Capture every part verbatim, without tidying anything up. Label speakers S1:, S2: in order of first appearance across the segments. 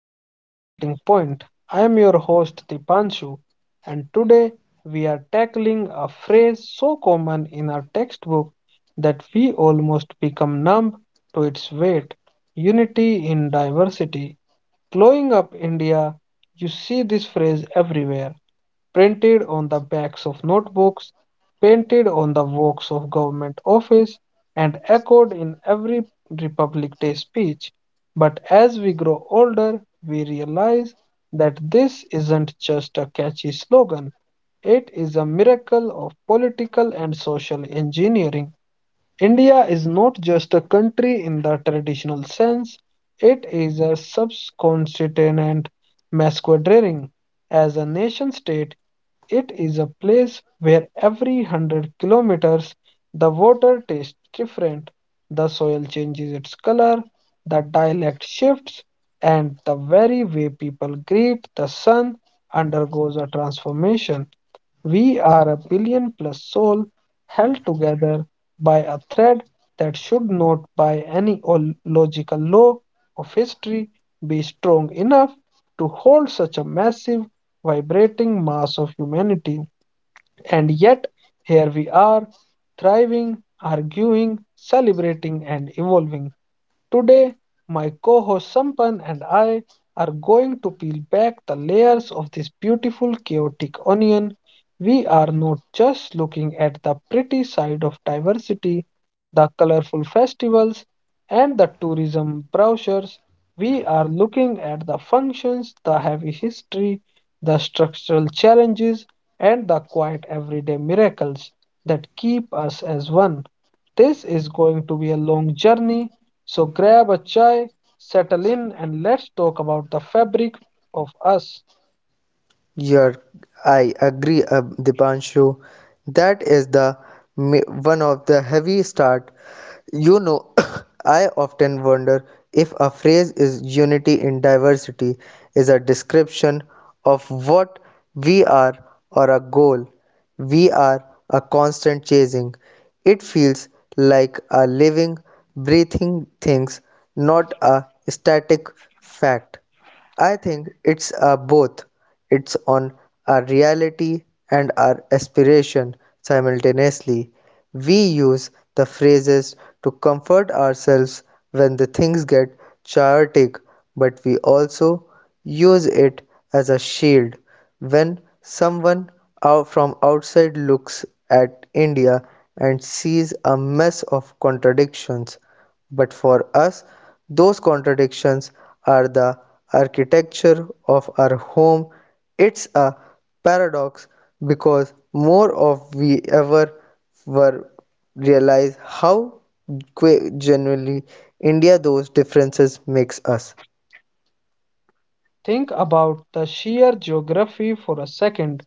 S1: to The Melting Point. I am your host, Dipanshu, and today we are tackling a phrase so common in our textbook that we almost become numb to its weight unity in diversity. Growing up India, you see this phrase everywhere printed on the backs of notebooks, painted on the walls of government office, and echoed in every Republic Day speech. But as we grow older, we realize that this isn't just a catchy slogan. It is a miracle of political and social engineering. India is not just a country in the traditional sense, it is a subcontinent masquerading as a nation state. It is a place where every hundred kilometers the water tastes different, the soil changes its color, the dialect shifts, and the very way people greet the sun undergoes a transformation. We are a billion plus soul held together by a thread that should not, by any ol- logical law of history, be strong enough to hold such a massive, vibrating mass of humanity. And yet, here we are, thriving, arguing, celebrating, and evolving. Today, my co host Sampan and I are going to peel back the layers of this beautiful, chaotic onion. We are not just looking at the pretty side of diversity, the colorful festivals, and the tourism brochures. We are looking at the functions, the heavy history, the structural challenges, and the quiet everyday miracles that keep us as one. This is going to be a long journey, so grab a chai, settle in, and let's talk about the fabric of us.
S2: Yeah, I agree, uh, Dipanshu. That is the ma- one of the heavy start. You know, I often wonder if a phrase is unity in diversity is a description of what we are or a goal we are a constant chasing. It feels like a living, breathing things, not a static fact. I think it's a both. It's on our reality and our aspiration simultaneously. We use the phrases to comfort ourselves when the things get chaotic, but we also use it as a shield. When someone out from outside looks at India and sees a mess of contradictions, but for us, those contradictions are the architecture of our home. It's a paradox because more of we ever were realize how que- genuinely India those differences makes us.
S1: Think about the sheer geography for a second.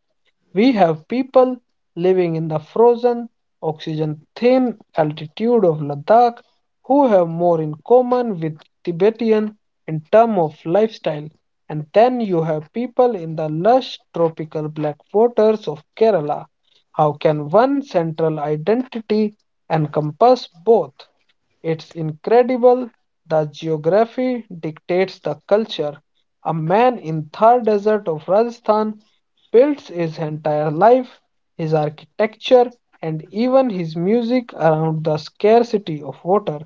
S1: We have people living in the frozen, oxygen thin altitude of Ladakh who have more in common with Tibetan in terms of lifestyle. And then you have people in the lush tropical black waters of Kerala. How can one central identity encompass both? It's incredible. The geography dictates the culture. A man in Thar desert of Rajasthan builds his entire life, his architecture, and even his music around the scarcity of water.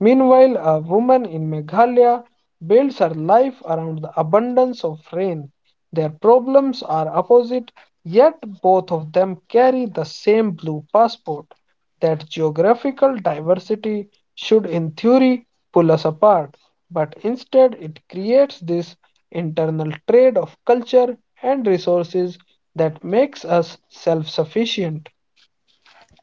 S1: Meanwhile, a woman in Meghalaya builds her life around the abundance of rain. Their problems are opposite, yet both of them carry the same blue passport. That geographical diversity should in theory pull us apart, but instead it creates this internal trade of culture and resources that makes us self sufficient.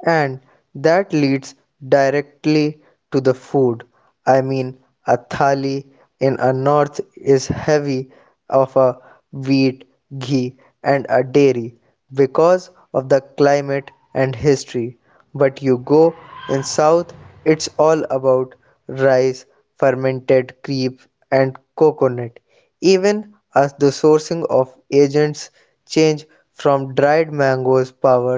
S2: And that leads directly to the food. I mean, a thali in a north is heavy of a wheat, ghee, and a dairy because of the climate and history. But you go in south, it's all about rice, fermented creep, and coconut even as the sourcing of agents change from dried mangoes power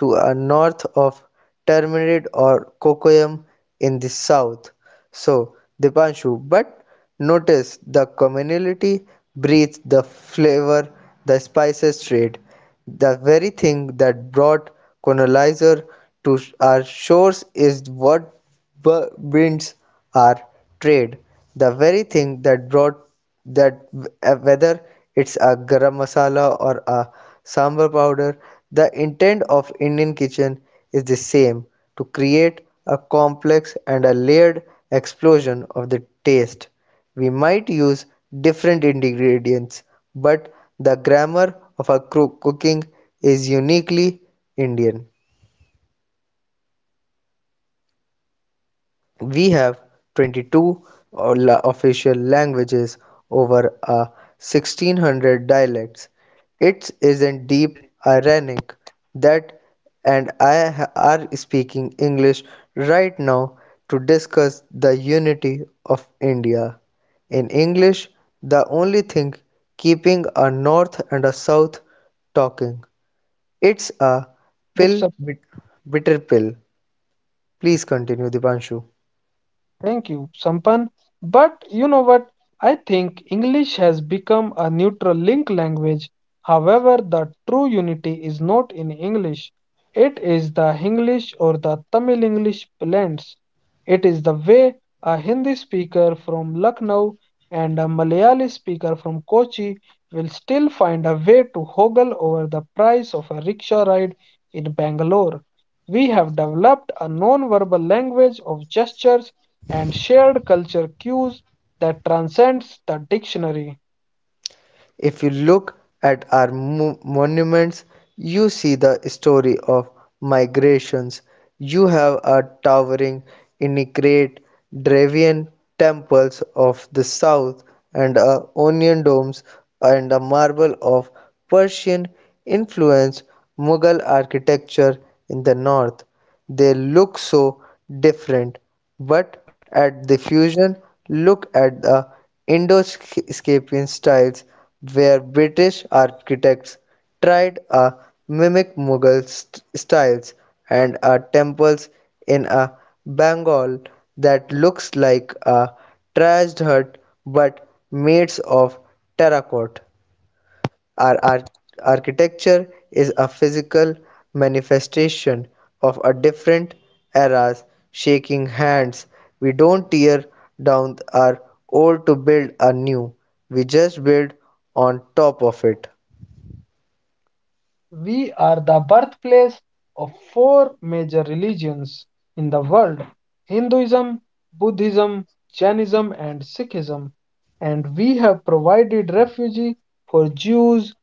S2: to a north of turmeric or cocoyam in the south. So, Dipanshu, but notice the communality breathes the flavor, the spices trade, the very thing that brought colonizer to our shores is what winds are trade the very thing that brought that uh, whether it's a garam masala or a sambar powder the intent of indian kitchen is the same to create a complex and a layered explosion of the taste we might use different ingredients but the grammar of our cooking is uniquely indian. We have twenty-two official languages over a sixteen hundred dialects. It isn't deep ironic that and I are speaking English right now to discuss the unity of India. In English, the only thing keeping a north and a south talking. It's a
S1: It's
S2: pill, bit- bitter pill. Please continue, Dipanshu.
S1: Thank you, Sampan. But you know what? I think English has become a neutral link language. However, the true unity is not in English. It is the Hinglish or the Tamil English blends. It is the way a Hindi speaker from Lucknow and a Malayali speaker from Kochi will still find a way to hoggle over the price of a rickshaw ride in Bangalore. We have developed a non verbal language of gestures and shared culture cues that transcends the dictionary.
S2: If you look at our mo- monuments, you see the story of migrations. You have a towering intricate Dravidian temples of the south and a onion domes and a marble of Persian influence Mughal architecture in the north. They look so different, but at the fusion, look at the Indo-Scapian styles where British architects tried a mimic Mughal st- styles and a temples in a Bengal that looks like a trashed hut but made of terracotta. Our arch- architecture is a physical manifestation of a different era's shaking hands. We don't tear down our old to build a new. We just build on top of it.
S1: We are the birthplace of four major religions in the world Hinduism, Buddhism, Jainism, and Sikhism, and we have provided refuge for Jews,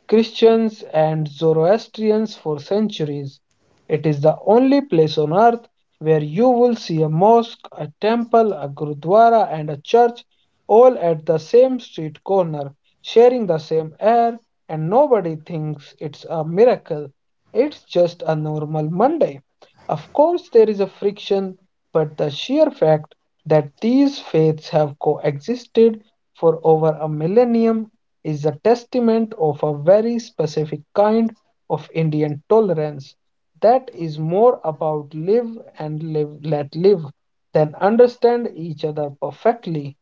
S1: Christians and Zoroastrians for centuries. It is the only place on earth where you will see a mosque, a temple, a gurdwara, and a church all at the same street corner, sharing the same air, and nobody thinks it's a miracle. It's just a normal Monday. Of course, there is a friction, but the sheer fact that these faiths have coexisted for over a millennium is a testament of a very specific kind of Indian tolerance that is more about live and live let live than understand each other perfectly.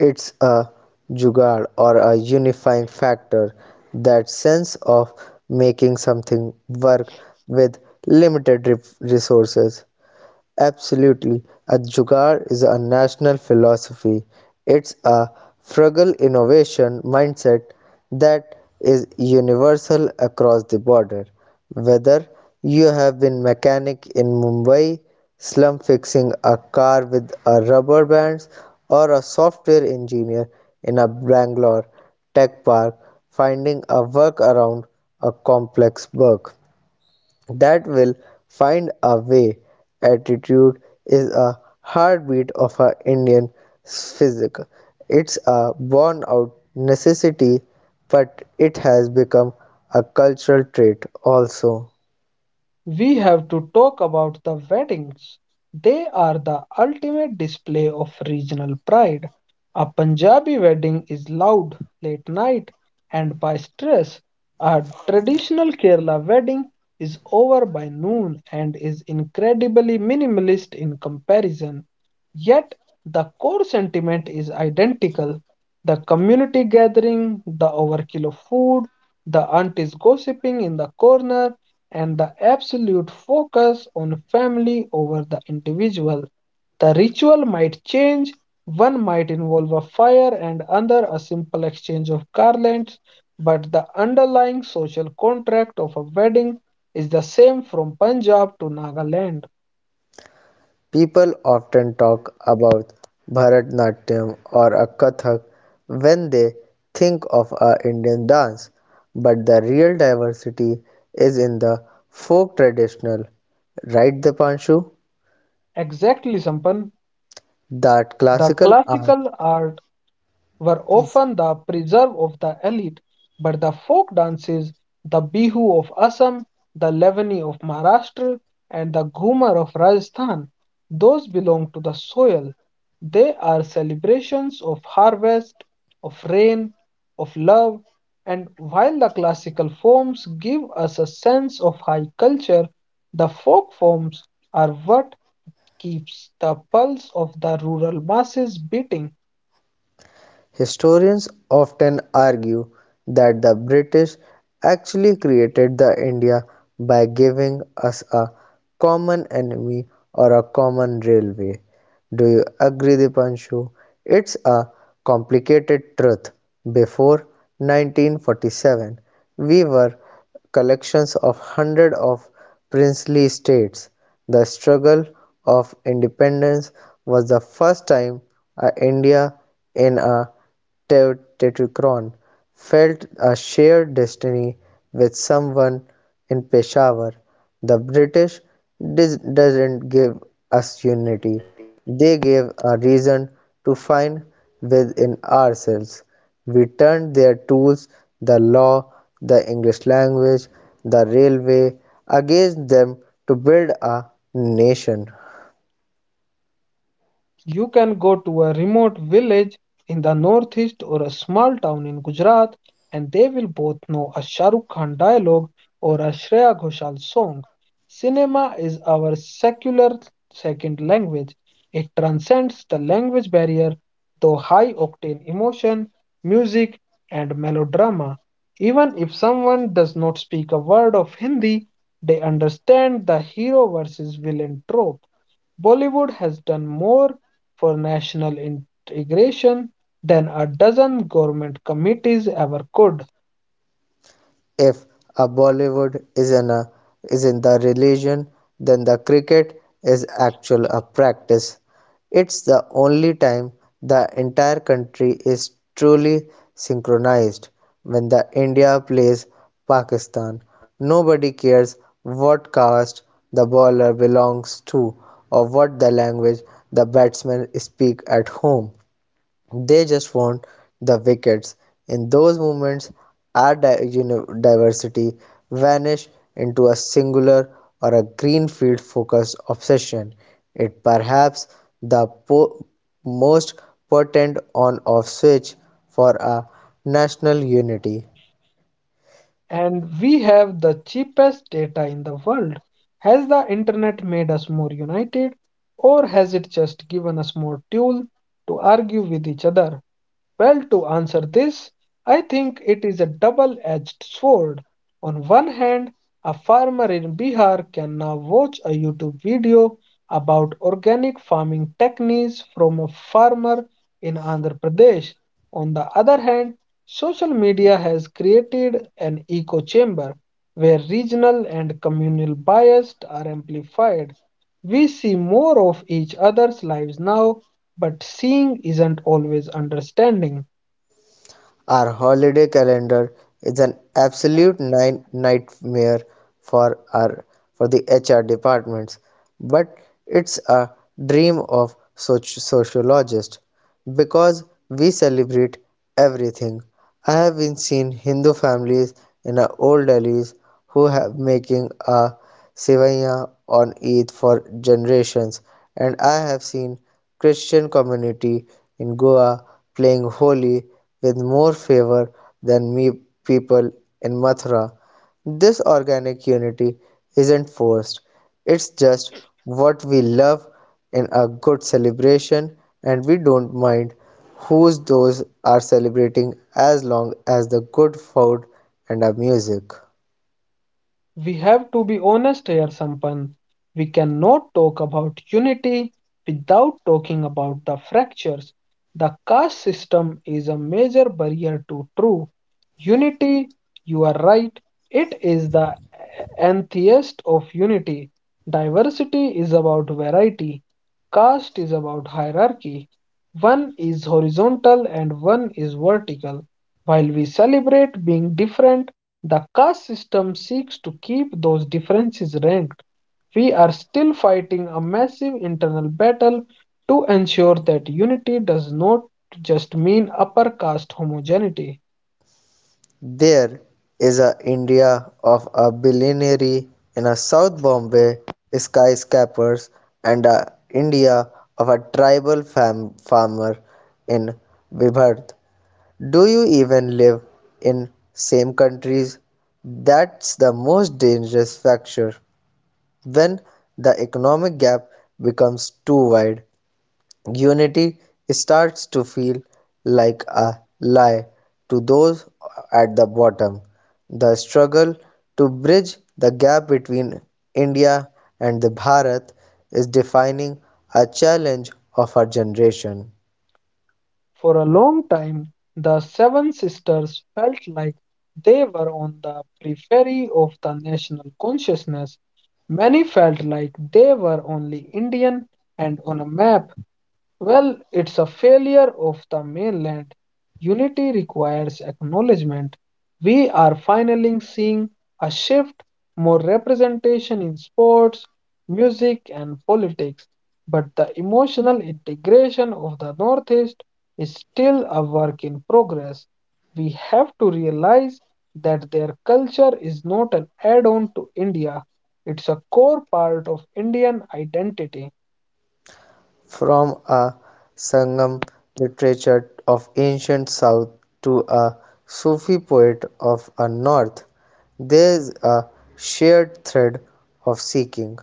S2: It's a jugaad or a unifying factor, that sense of making something work with limited re- resources. Absolutely. A jugaad is a national philosophy. It's a frugal innovation mindset that is universal across the border. Whether you have been mechanic in Mumbai, slum fixing a car with a rubber bands, or a software engineer in a Bangalore tech park finding a workaround a complex bug that will find a way. Attitude is a heartbeat of our Indian physique. It's a born out necessity, but it has become a cultural trait also.
S1: We have to talk about the weddings. They are the ultimate display of regional pride. A Punjabi wedding is loud, late night, and by stress. A traditional Kerala wedding is over by noon and is incredibly minimalist in comparison. Yet, the core sentiment is identical the community gathering, the overkill of food, the aunties gossiping in the corner, and the absolute focus on family over the individual. The ritual might change, one might involve a fire and another a simple exchange of garlands, but the underlying social contract of a wedding is the same from Punjab to Nagaland.
S2: People often talk about Bharatnatyam or a Kathak when they think of our Indian dance, but the real diversity is in the folk traditional, right, Dipanshu?
S1: Exactly, Sampan.
S2: That
S1: The
S2: classical art
S1: classical art were
S2: is.
S1: often the preserve of the elite, but the folk dances, the Bihu of Assam, the Lavani of Maharashtra, and the Ghumar of Rajasthan, those belong to the soil. They are celebrations of harvest, of rain, of love, and while the classical forms give us a sense of high culture, the folk forms are what keeps the pulse of the rural masses beating.
S2: Historians often argue that the British actually created the India by giving us a common enemy or a common railway. Do you agree, Dipanshu? It's a complicated truth. Before nineteen forty-seven, we were collections of hundreds of princely states. The struggle of independence was the first time a India in a Tetrachron felt a shared destiny with someone in Peshawar. The British dis- doesn't give us unity, they gave a reason to find within ourselves. We turned their tools, the law, the English language, the railway, against them to build a nation.
S1: You can go to a remote village in the northeast or a small town in Gujarat, and they will both know a Shah Rukh Khan dialogue or a Shreya Ghoshal song. Cinema is our secular second language. It transcends the language barrier, though high octane emotion, music, and melodrama. Even if someone does not speak a word of Hindi, they understand the hero versus villain trope. Bollywood has done more for national integration than a dozen government committees ever could.
S2: If a Bollywood is in a is in the religion then the cricket is actual a practice. It's the only time the entire country is truly synchronized. When the India plays Pakistan, nobody cares what caste the bowler belongs to or what the language the batsmen speak at home. They just want the wickets. In those moments, our di- uni- diversity vanished into a singular or a green field focused obsession. It perhaps the po- most potent on off switch for a national unity.
S1: And we have the cheapest data in the world. Has the internet made us more united, or has it just given us more fuel to argue with each other? Well, to answer this, I think it is a double edged sword. On one hand, a farmer in Bihar can now watch a YouTube video about organic farming techniques from a farmer in Andhra Pradesh. On the other hand, social media has created an echo chamber where regional and communal biases are amplified. We see more of each other's lives now but seeing isn't always understanding.
S2: Our holiday calendar is an absolute nine nightmare for our for the H R departments, but it's a dream of soc- sociologists because we celebrate everything. I have been seen Hindu families in our old alleys who have making a sevaiya on Eid for generations, and I have seen Christian community in Goa playing Holi with more favor than me people in Mathura. This organic unity isn't forced, it's just what we love in a good celebration, and we don't mind whose those are celebrating as long as the good food and our music.
S1: We have to be honest here, Sampan. We cannot talk about unity without talking about the fractures. The caste system is a major barrier to true unity. You are right, it is the antithesis of unity. Diversity is about variety, caste is about hierarchy. One is horizontal and one is vertical. While we celebrate being different, the caste system seeks to keep those differences ranked. We are still fighting a massive internal battle to ensure that unity does not just mean upper caste homogeneity.
S2: There is a India of a billionaire in a South Bombay skyscrapers and a India of a tribal fam- farmer in Vibhard. Do you even live in same countries? That's the most dangerous factor when the economic gap becomes too wide. Unity starts to feel like a lie to those at the bottom. The struggle to bridge the gap between India and the Bharat is defining a challenge of our generation.
S1: For a long time, the Seven Sisters felt like they were on the periphery of the national consciousness. Many felt like they were only Indian and on a map. Well, it's a failure of the mainland. Unity requires acknowledgement. We are finally seeing a shift, more representation in sports, music, and politics. But the emotional integration of the Northeast is still a work in progress. We have to realize that their culture is not an add on to India, it's a core part of Indian identity.
S2: From a Sangam literature of ancient South to a Sufi poet of a North, there is a shared thread of seeking.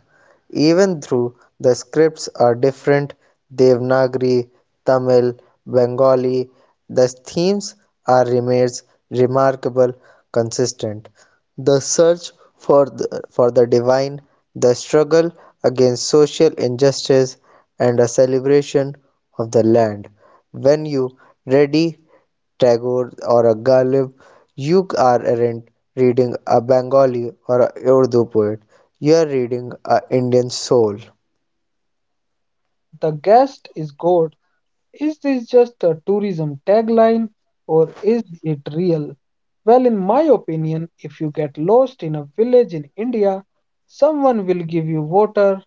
S2: Even though the scripts are different Devanagari, Tamil, Bengali, the themes are remains remarkable consistent. The search for the, for the divine, the struggle against social injustice, and a celebration of the land. When you ready Tagore or a Ghalib, you aren't reading a Bengali or a Urdu poet. You are reading a Indian soul.
S1: The guest is God Is this just a tourism tagline or is it real? Well, in my opinion, if you get lost in a village in India, someone will give you water,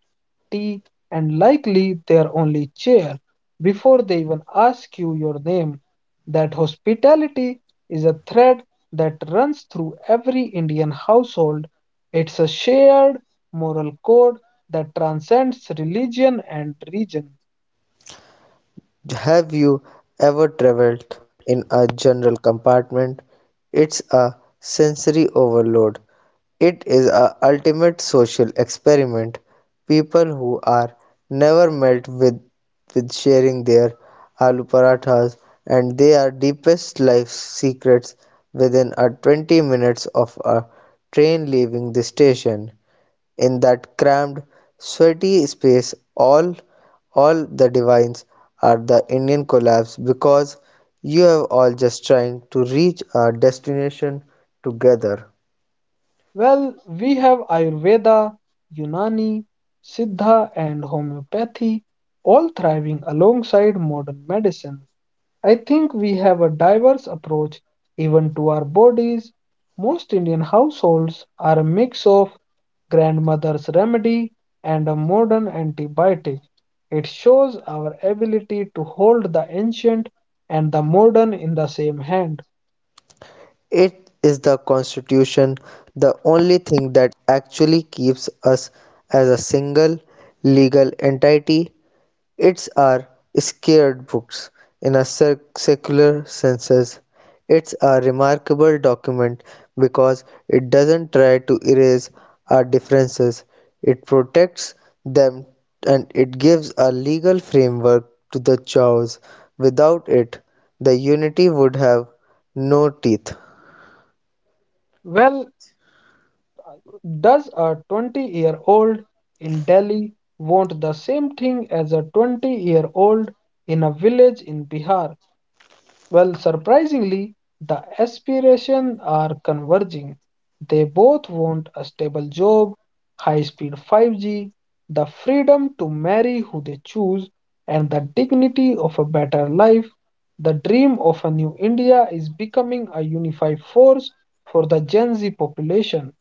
S1: tea, and likely their only chair before they even ask you your name. That hospitality is a thread that runs through every Indian household. It's a shared moral code that transcends religion and region.
S2: Have you ever traveled in a general compartment? It's a sensory overload. It is a ultimate social experiment. People who are never met with with sharing their aloo parathas and their deepest life secrets within a twenty minutes of a train leaving the station. In that cramped, sweaty space all all the divines are the Indian collapse because you have all just trying to reach our destination together.
S1: Well, we have Ayurveda, Unani, Siddha, and homeopathy, all thriving alongside modern medicine. I think we have a diverse approach even to our bodies. Most Indian households are a mix of grandmother's remedy and a modern antibiotic. It shows our ability to hold the ancient and the modern in the same hand.
S2: It is the constitution, the only thing that actually keeps us as a single legal entity. Its are scared books in a sec- secular sense. It's a remarkable document because it doesn't try to erase our differences. It protects them and it gives a legal framework to the chaos. Without it, the unity would have no teeth.
S1: Well, does a twenty year old in Delhi want the same thing as a twenty year old in a village in Bihar? Well, surprisingly, the aspirations are converging. They both want a stable job, high speed five G, the freedom to marry who they choose, and the dignity of a better life. The dream of a new India is becoming a unified force for the Gen Z population.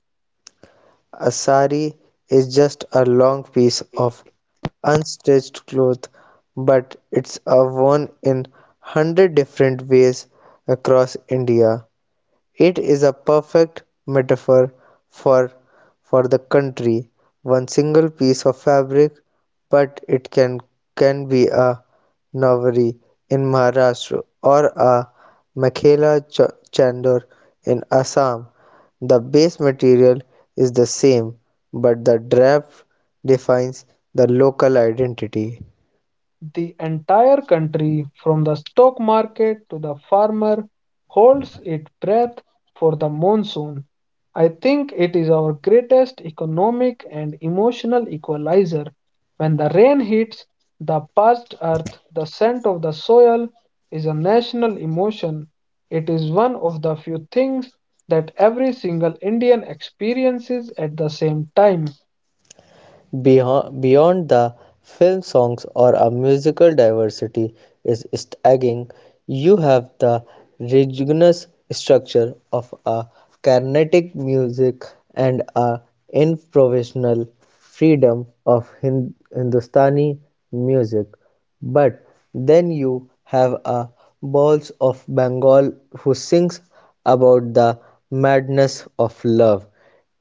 S2: A sari is just a long piece of unstitched cloth, but it's a worn in one hundred different ways across India. It is a perfect metaphor for for the country. One single piece of fabric, but it can can be a Nawari in Maharashtra or a Makhela ch- chandor in Assam. The base material is the same, but the draft defines the local identity.
S1: The entire country, from the stock market to the farmer, holds its breath for the monsoon. I think it is our greatest economic and emotional equalizer. When the rain hits the parched earth, the scent of the soil is a national emotion. It is one of the few things that every single Indian experiences at the same time.
S2: Beyond the film songs or a musical diversity is staggering. You have the rigorous structure of a Carnatic music and a improvisational freedom of Hin- Hindustani music, but then you have a balls of Bengal who sings about the madness of love.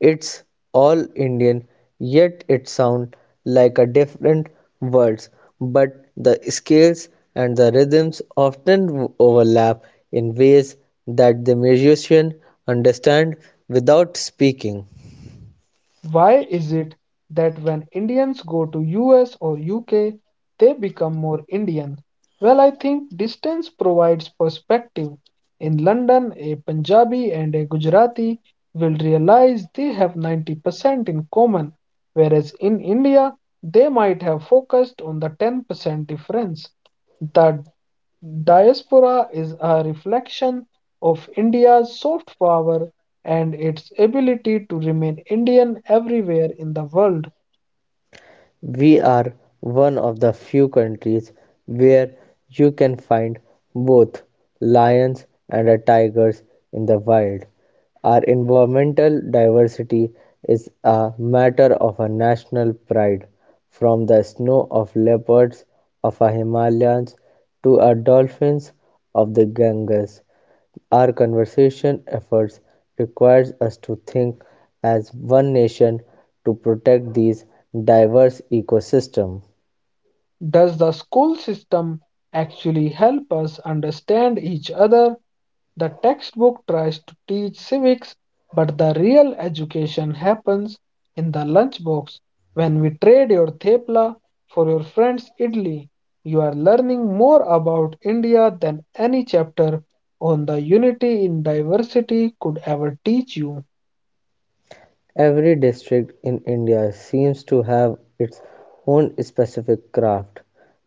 S2: It's all Indian, yet it sounds like a different words, but the scales and the rhythms often overlap in ways that the musician understand without speaking.
S1: Why is it that when Indians go to U S or U K, they become more Indian? Well, I think distance provides perspective. In London, a Punjabi and a Gujarati will realize they have ninety percent in common, whereas in India, they might have focused on the ten percent difference. The Diaspora is a reflection of India's soft power and its ability to remain Indian everywhere in the world.
S2: We are one of the few countries where you can find both lions and tigers in the wild. Our environmental diversity is a matter of a national pride. From the snow of leopards of the Himalayas to our dolphins of the Ganges, our conservation efforts requires us to think as one nation to protect these diverse ecosystems.
S1: Does the school system actually help us understand each other? The textbook tries to teach civics, but the real education happens in the lunchbox. When we trade your thepla for your friend's idli, you are learning more about India than any chapter on the unity in diversity could ever teach you.
S2: Every district in India seems to have its own specific craft,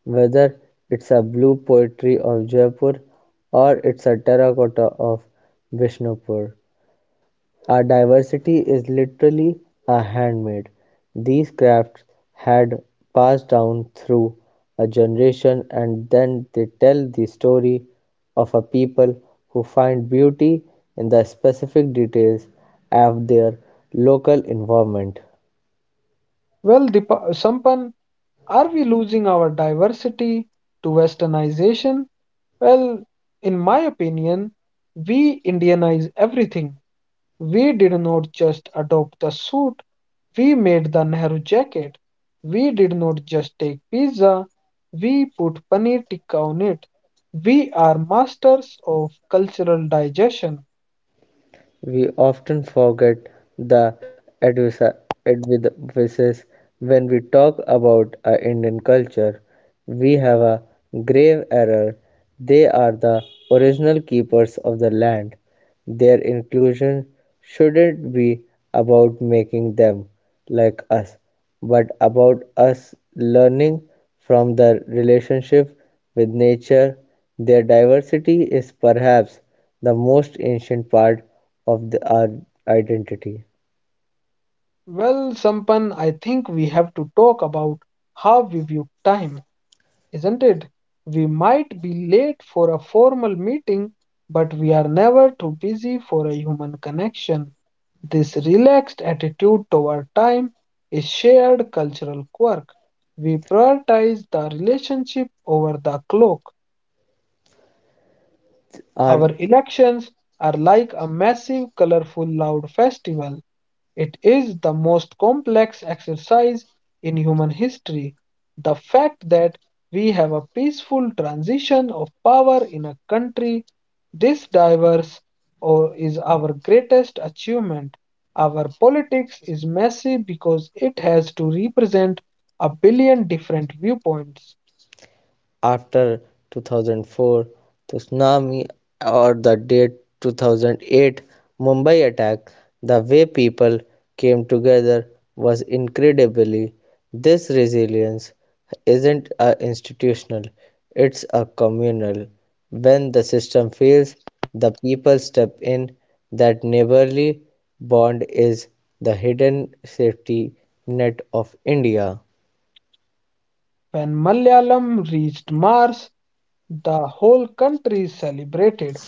S2: whether it's a blue pottery of Jaipur or it's a terracotta of Vishnupur. Our diversity is literally a handmaid. These crafts had passed down through a generation and then they tell the story of a people who find beauty in the specific details of their local environment.
S1: Well, Dipa- Sampan, are we losing our diversity to westernization? Well, in my opinion, we Indianize everything. We did not just adopt the suit, we made the Nehru jacket. We did not just take pizza, we put paneer tikka on it. We are masters of cultural digestion.
S2: We often forget the advisa- advices when we talk about uh, Indian culture. We have a grave error. They are the original keepers of the land. Their inclusion shouldn't be about making them like us, but about us learning from their relationship with nature. Their diversity is perhaps the most ancient part of the- our identity.
S1: Well, Sampan, I think we have to talk about how we view time. Isn't it? We might be late for a formal meeting, but we are never too busy for a human connection. This relaxed attitude toward time is shared cultural quirk. We prioritize the relationship over the clock.
S2: Our
S1: Our elections are like a massive, colorful, loud festival. It is the most complex exercise in human history. The fact that we have a peaceful transition of power in a country this diverse or is our greatest achievement. Our politics is messy because it has to represent a billion different viewpoints.
S2: after two thousand four tsunami or the date two thousand eight Mumbai attack, the way people came together was incredibly. This resilience isn't a institutional, it's a communal. When the system fails, the people step in. That neighborly bond is the hidden safety net of India.
S1: When Malayalam reached Mars, the whole country celebrated.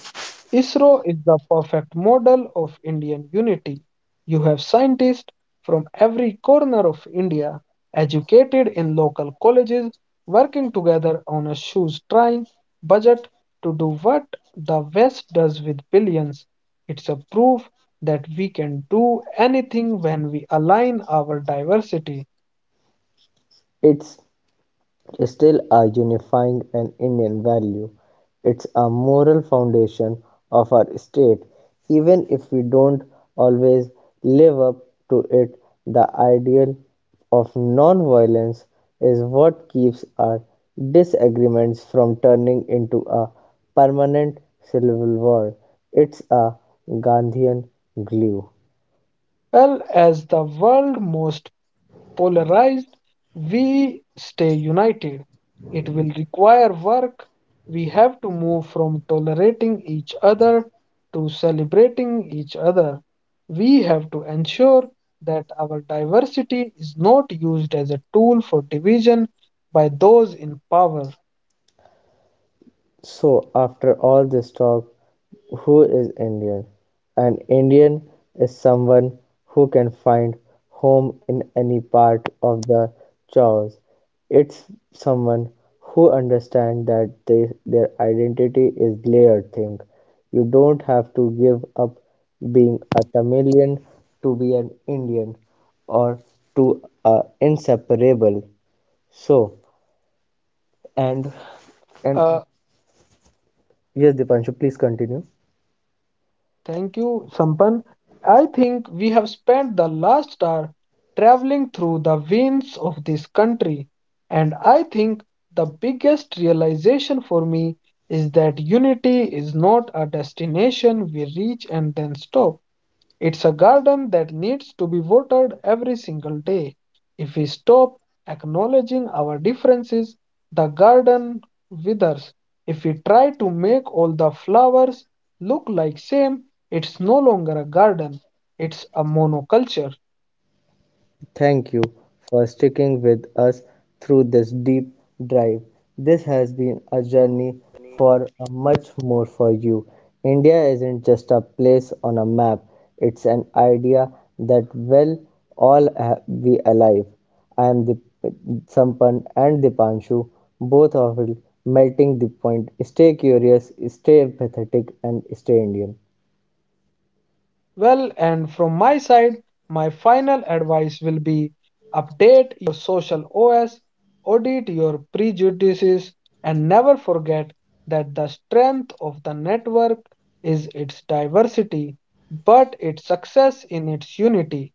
S1: ISRO is the perfect model of Indian unity. You have scientists from every corner of India, educated in local colleges, working together on a shoestring budget to do what the West does with billions. It's a proof that we can do anything when we align our diversity
S2: It's still are unifying an Indian value. It's a moral foundation of our state. Even if we don't always live up to it, the ideal of non-violence is what keeps our disagreements from turning into a permanent civil war. It's a Gandhian glue.
S1: well as the world's most polarized, we stay united. It will require work. We have to move from tolerating each other to celebrating each other. We have to ensure that our diversity is not used as a tool for division by those in power.
S2: So, after all this talk, who is Indian? An Indian is someone who can find home in any part of the chaos. It's someone who understands that they, their identity is layered thing. You don't have to give up being a Tamilian to be an Indian or to uh, inseparable. So, and and
S1: Uh,
S2: yes, Dipanshu, please continue.
S1: Thank you, Sampan. I think we have spent the last hour traveling through the veins of this country, and I think the biggest realization for me is that unity is not a destination we reach and then stop. It's a garden that needs to be watered every single day. If we stop acknowledging our differences, the garden withers. If we try to make all the flowers look like same, it's no longer a garden, it's a monoculture.
S2: Thank you for sticking with us through this deep drive. This has been a journey for a much more for you. India isn't just a place on a map, it's an idea that will all ha- be alive. I am the Sampan and the Dipanshu, both of you melting the point. Stay curious, stay empathetic, and stay Indian.
S1: Well, and from my side, my final advice will be update your social O S, audit your prejudices, and never forget that the strength of the network is its diversity, but its success in its unity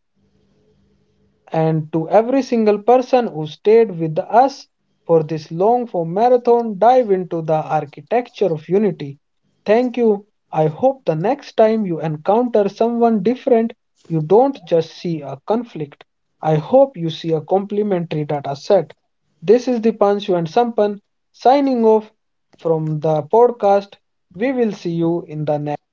S1: and to every single person who stayed with us for this long form marathon dive into the architecture of unity. Thank you. I hope the next time you encounter someone different, you don't just see a conflict. I hope you see a complementary data set. This is the Panchu and Sampan signing off from the podcast. We will see you in the next.